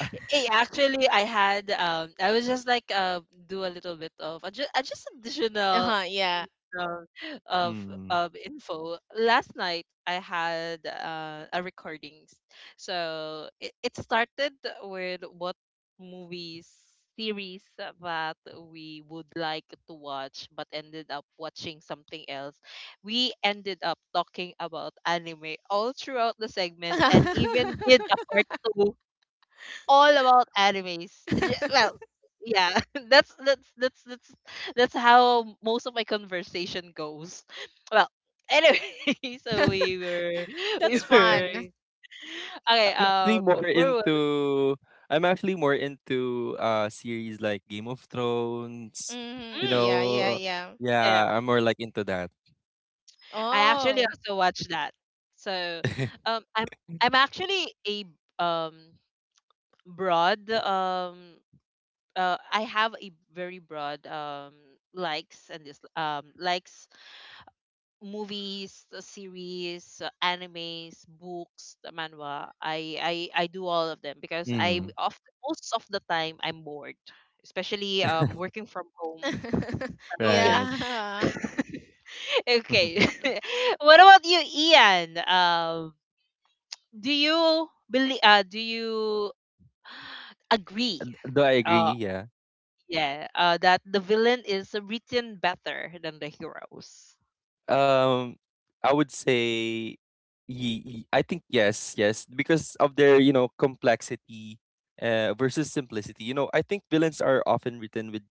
<laughs> Hey, actually, I had, um, I was just like, uh, do a little bit of adju- uh, just Uh additional huh. Yeah. um, of mm. of info. Last night, I had uh, a recordings, so it, it started with what movies series that we would like to watch, but ended up watching something else. We ended up talking about anime all throughout the segment, and even did a <laughs> part two all about animes. J- Well, yeah, <laughs> that's that's that's that's that's how most of my conversation goes. <laughs> Well, anyway, <laughs> so we were <laughs> we That's were fun. okay. I'm actually Um, more Where was, into I'm actually more into uh series like Game of Thrones, Hmm. you mm, Yeah. Yeah. know. Yeah. yeah? Yeah, I'm more like into that. I actually Oh. also watched that. So, <laughs> um, I'm I'm actually a, um broad, um uh I have a very broad, um likes, and this um likes movies, uh, series, uh, animes, books, the manhwa. I, I I do all of them, because I Mhm. of most of the time I'm bored, especially um <laughs> working from home. <laughs> So yeah, Right. Yeah. <laughs> okay. <laughs> <laughs> What about you, Ian? Um, do you believe? Uh, do you <sighs> agree? And though I agree, Uh, yeah. yeah. Uh, that the villain is written better than the heroes. Um, I would say, ye- ye- I think yes, yes, because of their you know complexity, uh, versus simplicity. You know, I think villains are often written with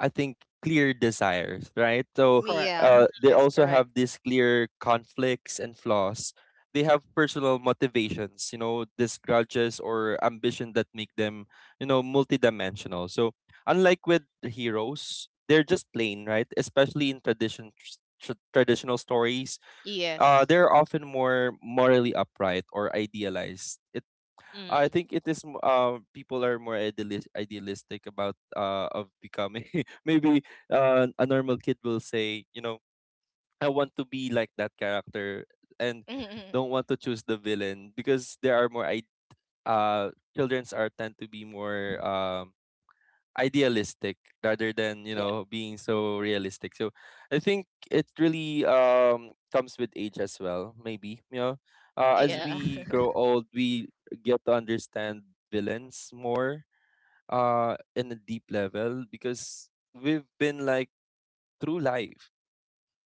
I think clear desires, right? So Correct. Yeah. uh, they Yes. also Correct. have these clear conflicts and flaws. They have personal motivations, you know, these grudges or ambition that make them, you know, multidimensional. So unlike with the heroes, they're just plain, right? Especially in tradition, tr- traditional stories, uh, Yes. they're often more morally upright or idealized. It I Mm, think it is m- uh, people are more idealis- idealistic about uh of becoming <laughs> maybe uh, a normal kid will say you know I want to be like that character and Mm-hmm. don't want to choose the villain because there are more I- uh childrens are tend to be more um idealistic rather than you yeah. know being so realistic, so I think it really um comes with age as well maybe, you know, uh, as Mm, Yeah. we <laughs> grow old we get to understand villains more uh in a deep level because we've been like through life,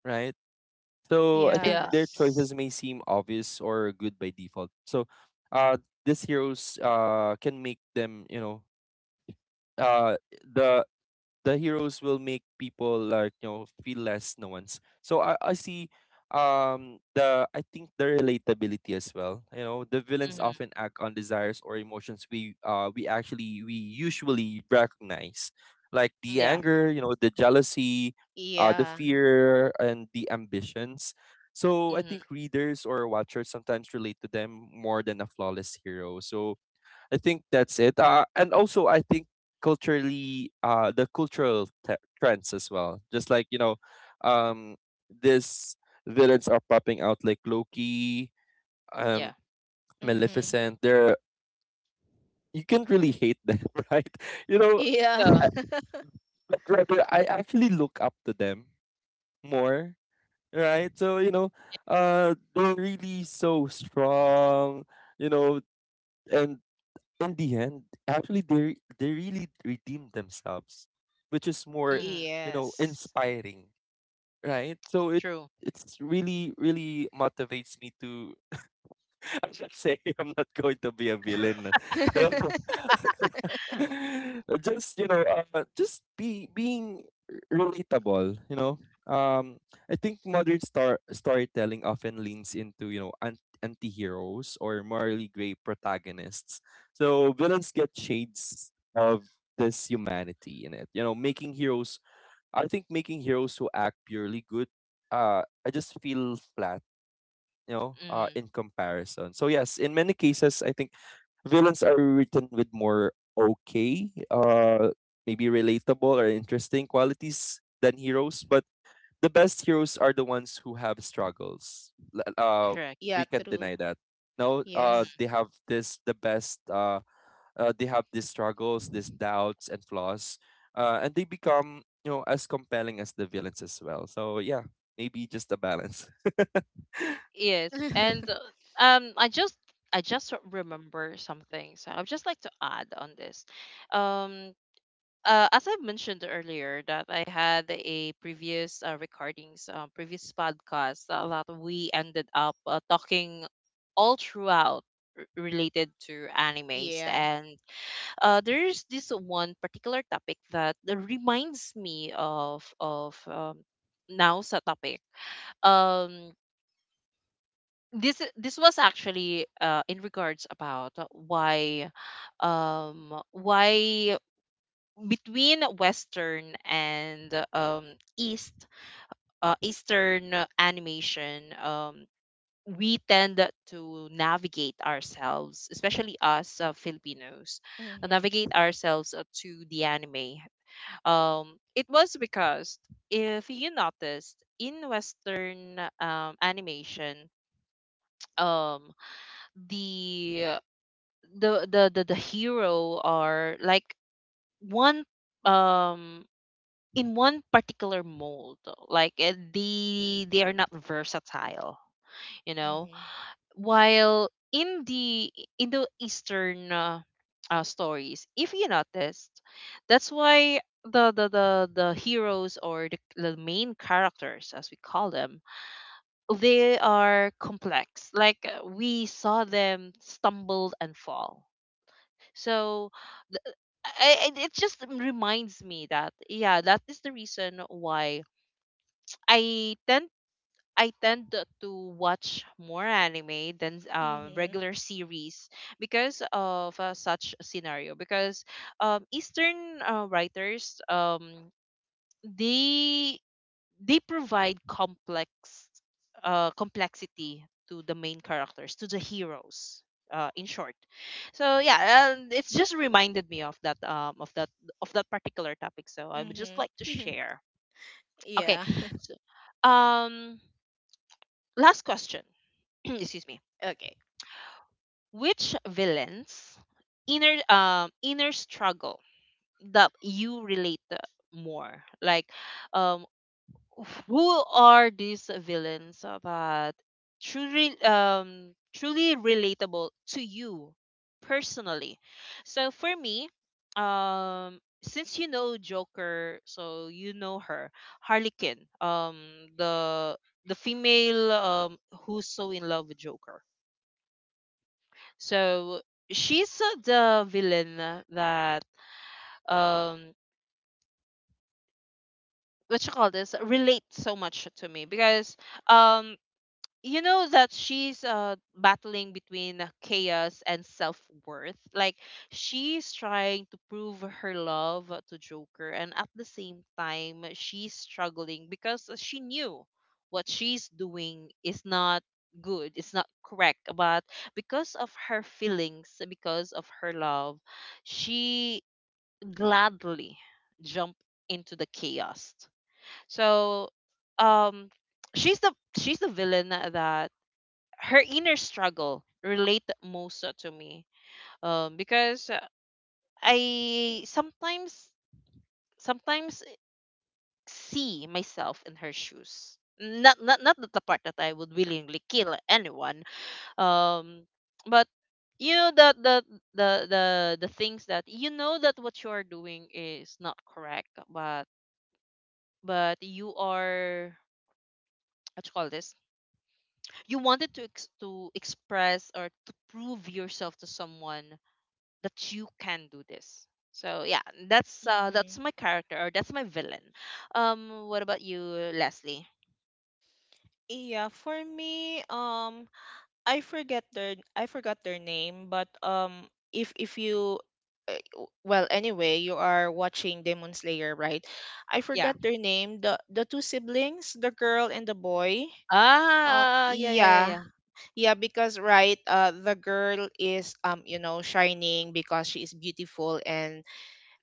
right? So I think yeah. their choices Yes. may seem obvious or good by default. So uh these heroes uh can make them, you know, uh the the heroes will make people like you know feel less no ones. So i i see um the I think the relatability as well. You know, the villains Mm, often act on desires or emotions we uh we actually we usually recognize, like the yeah. anger, you know, the jealousy, uh the Yeah. fear and the ambitions. So I Mm, think readers or watchers sometimes relate to them more than a flawless hero. So I think that's it. Uh, and also, I think culturally, uh, the cultural te- trends as well. Just like, you know, um, these villains are popping out like Loki, um, yeah. Mm-hmm. Maleficent. They're you can't really hate them, <laughs> right? You know, Yeah. Yeah. I, <laughs> but rather I actually look up to them more, right? So you know, uh, they're really so strong. You know, and in the end, actually they they really redeemed themselves, which is more, Mm-hmm. you know, Yes. inspiring, right? So it True. it's really really motivates me to I'm not saying <laughs> I'm not going to be a villain. <laughs> <laughs> Just you know, uh, just be being relatable. You know, um, I think modern star storytelling often leans into you know an- anti heroes or morally gray protagonists. So villains get shades of this humanity in it. You know, making heroes. I think making heroes who act purely good. Uh, I just feel flat, you know, uh, in Mm-hmm. comparison. So yes, in many cases, I think villains are written with more okay, uh, maybe relatable or interesting qualities than heroes. But the best heroes are the ones who have struggles. L- Uh, Correct. we Yeah, can't true. deny that. No, uh, Yes. they Mm-hmm. have this the best. Uh, uh, they have these struggles, these doubts and flaws, uh, and they become you know as compelling as the villains as well. So yeah, maybe just a balance. Yes, and <laughs> uh, um, I just, I just remember something, so I'd just like to add on this. Um, uh, as I've mentioned earlier, that I had a previous uh, recordings, uh, previous podcast uh, that we ended up uh, talking all throughout, r- related to animes. Yeah. And uh, there's this one particular topic that reminds me of of um, now sa topic. Um, this this was actually uh, in regards about why, um, why between Western and, um, East uh, Eastern animation, um, we tend to navigate ourselves, especially us uh, Filipinos, uh, Mm-hmm. navigate ourselves uh, to the anime. Um, it was because, if you noticed in Western um, animation, <tsk> um, the the the the, the hero are like one, um in one particular mold, like uh, they they are not versatile, you know. Mm-hmm. While in the in the eastern uh, uh, stories, if you noticed, that's why the the the, the heroes or the, the main characters as we call them, they are complex, like uh, we saw them stumble and fall. So I, I- it just reminds me that, yeah, that is the reason why i tend I tend to to watch more anime than um, Mm-hmm. regular series, because of uh, such a scenario. Because um, Eastern uh, writers, um, they they provide complex uh, complexity to the main characters, to the heroes. Uh, in short, so yeah, um, it's just reminded me of that, um, of that of that particular topic. So I would just like to Mm-hmm. share. <laughs> Okay, Yeah. so, um, last question. <clears throat> Excuse me, Okay. which villains' inner um inner struggle that you relate the more, like, um who are these villains that truly um truly relatable to you personally? So for me, um since you know Joker, so you know her, Harley Quinn, um the the female, um who's so in love with Joker. So she's uh, the villain that, um what you call this, relate so much to me, because um you know that she's uh battling between chaos and self-worth. Like, she's trying to prove her love to Joker, and at the same time she's struggling because she knew what she's doing is not good, it's not correct, but because of her feelings, because of her love, she gladly jumped into the chaos. So, um she's the she's the villain that her inner struggle relate most, uh, to me, um, because uh, I sometimes sometimes see myself in her shoes. Not not not the part that I would willingly kill anyone, um, but you know that the the the the things that you know that what you are doing is not correct, but but you are <tsk> what you call this? You wanted to ex- to express or to prove yourself to someone that you can do this. So yeah, that's uh, that's Mm-hmm. my character or that's my villain. Um, what about you, Leslie? Yeah, for me, um I forget their I forgot their name, but um, if if you, uh, w- well, anyway, you are watching Demon Slayer, right? I Yeah. forgot their name, the the two siblings, the girl and the boy. uh Ah, yeah, yeah, yeah, Yeah, yeah. yeah, because, right, uh the girl is um you know shining because she is beautiful, and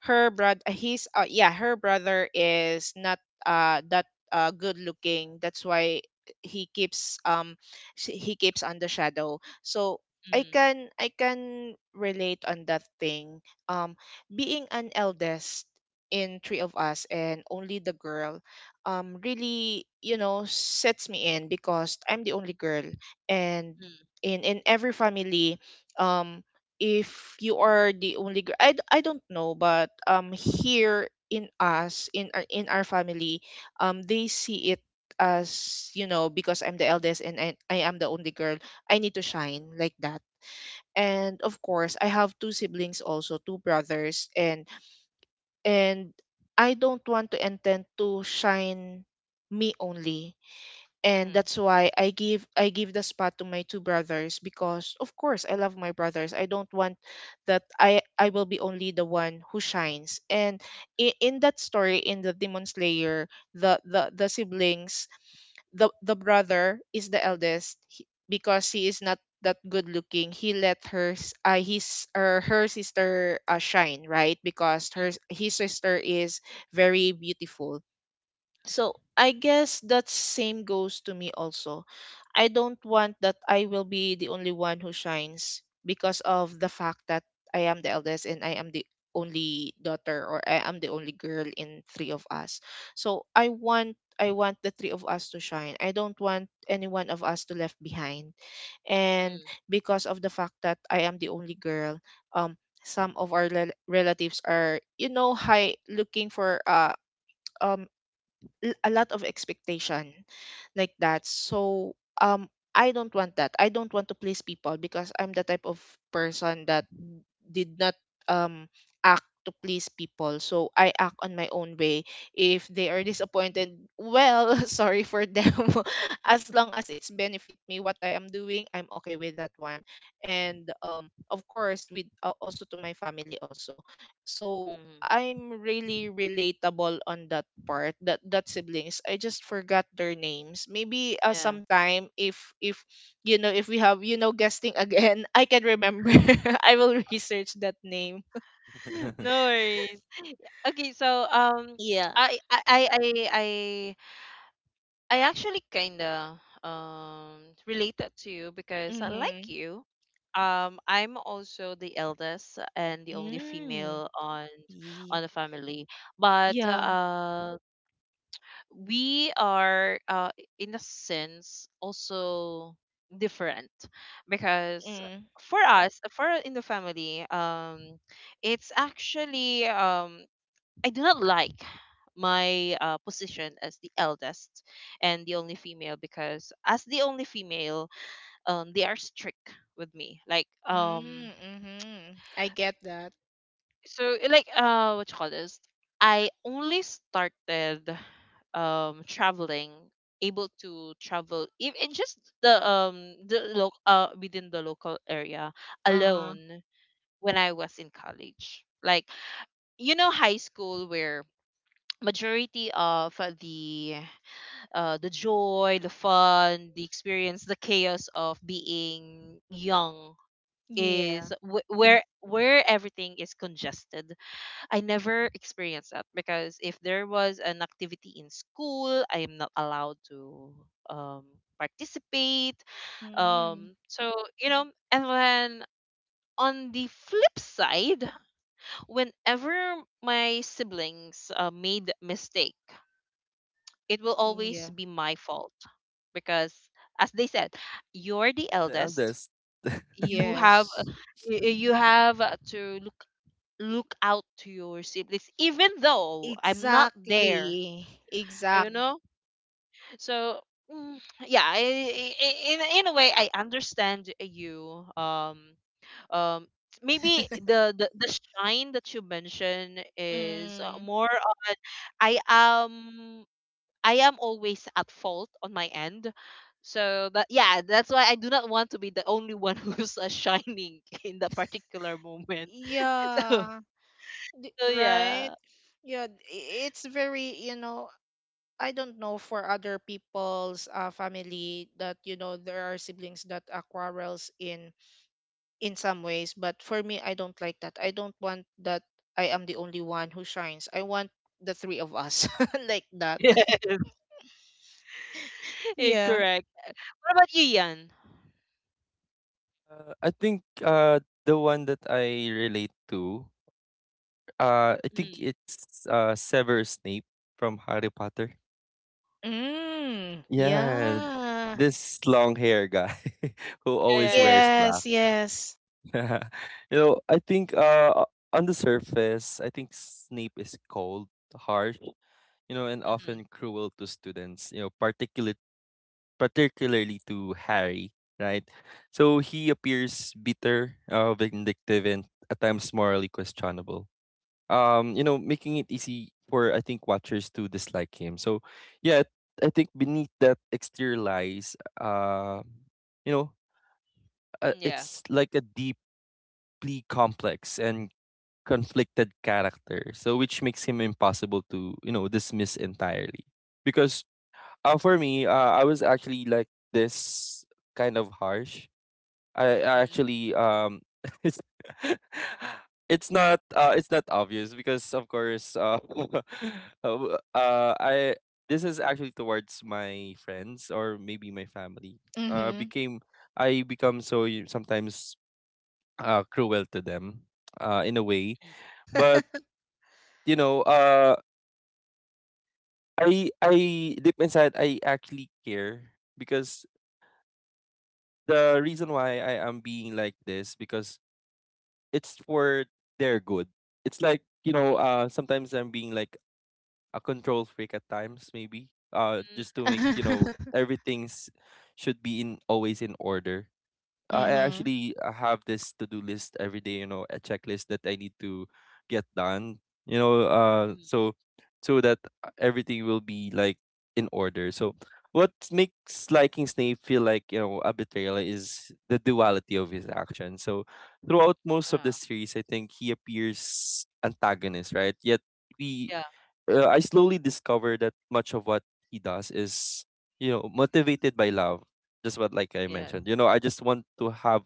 her brother, he's uh, yeah her brother is not uh that uh good looking, that's why he keeps um sh- he keeps on the shadow. So i Mm, can I can relate on that thing, um being an eldest in three of us and only the girl, um really, you know sets me in, because I'm the only girl. And mm, in in every family, um if you are the only girl, I, d- I don't know, but um here in us, in our in our family, um they see it as, you know because I'm the eldest and I, I am the only girl, I need to shine like that. And of course I have two siblings, also two brothers, and and I don't want to intend to shine me only, and mm, that's why I give I give the spot to my two brothers, because of course I love my brothers. I don't want that I I will be only the one who shines. And in, in that story in the Demon Slayer, the the the siblings, the the brother is the eldest, he- because he is not that good looking, he let her s- uh, his or her sister uh, shine, right? Because her mm, his sister is very beautiful. So I guess that same goes to me also. I don't want that I will be the only one who shines, because of the fact that I am the eldest and I am the only daughter, or I am the only girl in three of us. So I want, I want the three of us to shine. I don't want any one of us to left behind. mm, And mm, because of the fact that I am the only girl, um some of our rel- relatives are, you know high looking for, uh um l- a lot of expectation, like that. So um I don't want that. I don't want to please people because I'm the type of person that d- did not um act to please people. So I act on my own way. If they are disappointed, well, <laughs> sorry for them. <laughs> As long as it's benefit me what I am doing, I'm okay with that one. And um of course with, uh, also to my family also. So mm, I'm really relatable on that part, that that siblings. I just forgot their names. Maybe uh, yeah. sometime, if if, you know if we have, you know guesting again <laughs> I can remember. <laughs> I will research that name. <laughs> No <laughs> worries. Okay, so, um, Yeah. I I I I I I actually kinda um related to you because I like Mhm. you. Um, I'm also the eldest and the only Mm. female on Ye- on the family, but yeah. uh, we are, uh, in a sense also different, because Mm. for us, for in the family, um, it's actually um I do not like my, uh, position as the eldest and the only female, because as the only female, um, they are strict with me. Like, um, Mm. Mhm. I get that. so, eh, like, uh, what you call this? I only started um traveling able to travel, even just the um the lo- uh within the local area Uh-huh. alone, when I was in college. Like, you know, high school, where majority of the uh, the joy, the fun, the experience, the chaos of being young Yeah. is wh- where where everything is congested. I never experienced that, because if there was an activity in school, I am not allowed to um, participate. Mm. Um, so you know, and then on the flip side, whenever my siblings uh, made mistake, it will Yeah, always be my fault, because as they said, you're the The eldest. eldest. <laughs> You have, uh, yes, y- y- you have, uh, to look look out to your siblings even though I'm not there, exactly, exact you know. So, mm, yeah. I, I- I- in, a- in a way I understand you. um um Maybe <laughs> the the, the shine that you mentioned is, uh, Mm. more on, i am I am always at fault on my end. So that yeah, that's why I do not want to be the only one <laughs> who's, uh, shining <laughs> in that particular moment. <laughs> So, Yeah, d- so right. yeah. <laughs> Yeah, d- i- it's very, you know, I don't know for other people's uh, family, that, you know there are siblings that are quarrels in in some ways, but for me, I don't like that. I don't want that I am the only one who shines. I want the three of us <laughs> like that. Yes. Eh, Yeah. correct. What about you, Yan? Uh, I think uh the one that I relate to, uh I think Mm. it's uh Severus Snape from Harry Potter. Mm. Yeah, Yeah. this long hair guy <laughs> who Yeah, always yeah, yeah. wears black. Yes. Yes. <laughs> You know, I think uh on the surface, I think Snape is cold, harsh, you know, and Mm-hmm. often cruel to students, you know, particularly particularly to Harry, right? So he appears bitter, uh, vindictive, and at times morally questionable. Um, you know, making it easy for I think watchers to dislike him. So, yeah, I think beneath that exterior lies, uh, you know, uh, Yeah. it's like a deeply complex and conflicted character. So, which makes him impossible to you know dismiss entirely, because uh, for me, uh, I was actually like this kind of harsh. I, I Mm-hmm. actually um <laughs> it's <laughs> it's not uh it's not obvious because of course uh <laughs> uh uh, I this is actually towards my friends or maybe my family. Uh Mhm. became I become so y- sometimes uh cruel to them uh in a way. But you know uh I I deep inside I actually care because the reason why I am being like this because it's for their good. It's like, you know, uh sometimes I'm being like a control freak at times maybe. Uh, just to make, you know, <laughs> everything's should be in always in order. I Mhm. actually uh, have this to do list every day, you know, a checklist that I need to get done, you know, Mm-hmm. uh, so so that uh, everything will be like in order. So what makes liking Snape feel like you know a betrayal is the duality of his action. So throughout most of Uh, the series, I think he appears antagonist, right? Yet we yeah. uh, I slowly discovered that much of what he does is, you know, motivated by love. Just what like I Yes. mentioned, you know, I just want to have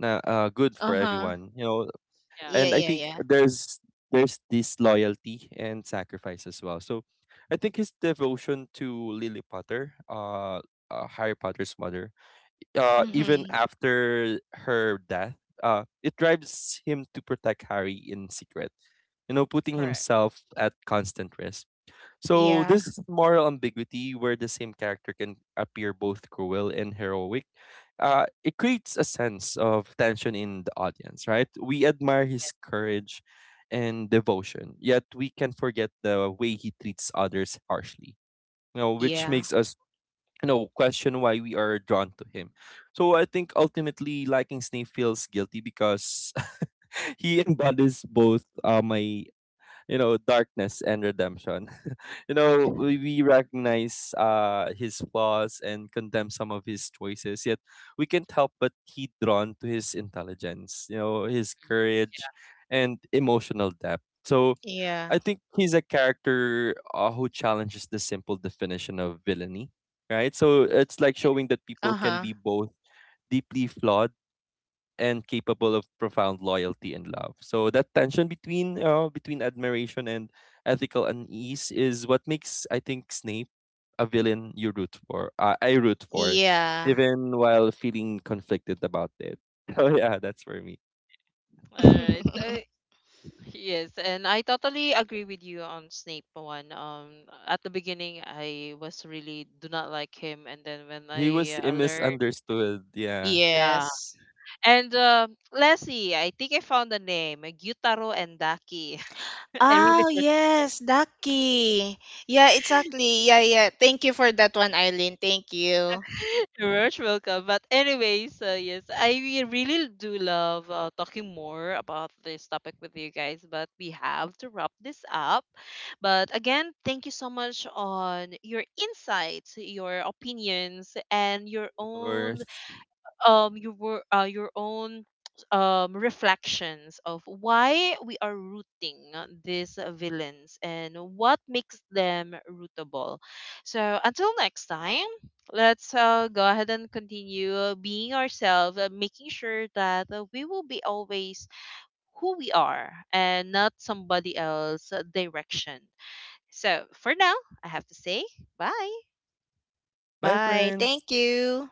na uh, good Uh for huh. <laughs> everyone, you know, Yeah. Yeah. and I think Yeah. there's there's this loyalty and sacrifice as well. So, I think his devotion to Lily Potter, uh, uh Harry Potter's mother, uh, Mm. Mm-hmm. even after her death, uh, it drives him to protect Harry in secret, you know, putting Correct. himself at constant risk. So Yeah. this moral ambiguity, where the same character can appear both cruel and heroic, uh, it creates a sense of tension in the audience. Right? We admire Yes. his courage and devotion, yet we can forget the way he treats others harshly. You know, which Yeah. Mm-hmm. makes us you know question why we are drawn to him. So I think ultimately, liking Snape feels guilty because <laughs> he embodies both uh, my you know, darkness and redemption. <laughs> You know, we, we recognize uh, his flaws and condemn some of his choices, yet we can't help but be drawn to his intelligence, you know, his Mm. courage and emotional depth. So I Yeah. think he's a character uh, who challenges the simple definition of villainy, right? So it's like showing that people can Uh-huh. be both deeply flawed and capable of profound loyalty and love. So that tension between uh, between admiration and ethical unease is what makes I think Snape a villain you root for. Uh, I root for, Yeah. even while feeling conflicted about it. <laughs> So yeah, that's for me. Yeah. All right. <laughs> So, yes, and I totally agree with you on Snape one. Um, at the beginning, I was really do not like him, and then when He I, was uh, learned, misunderstood. Yeah, yeah. Yes. And, uh, Leslie, I think I found the name, uh, Gyutaro and Daki. <laughs> I really Oh, yes, Ducky. Yeah, exactly. Yeah, yeah. Thank you for that one, Eileen. Thank you. <laughs> you're most welcome. But anyway, so yes, I really do love, uh, talking more about this topic with you guys, but we have to wrap this up. But again, thank you so much on your insights, your opinions, and your of own, course. um your wor- uh, your own <tsk> um reflections of why we are rooting, uh, these villains and what makes them rootable. So until next time, let's, uh, go ahead and continue, uh, being ourselves, uh, making sure that, uh, we will be always who we are and not somebody else's direction. So for now, I have to say bye. Bye, Bye. friends. Thank you.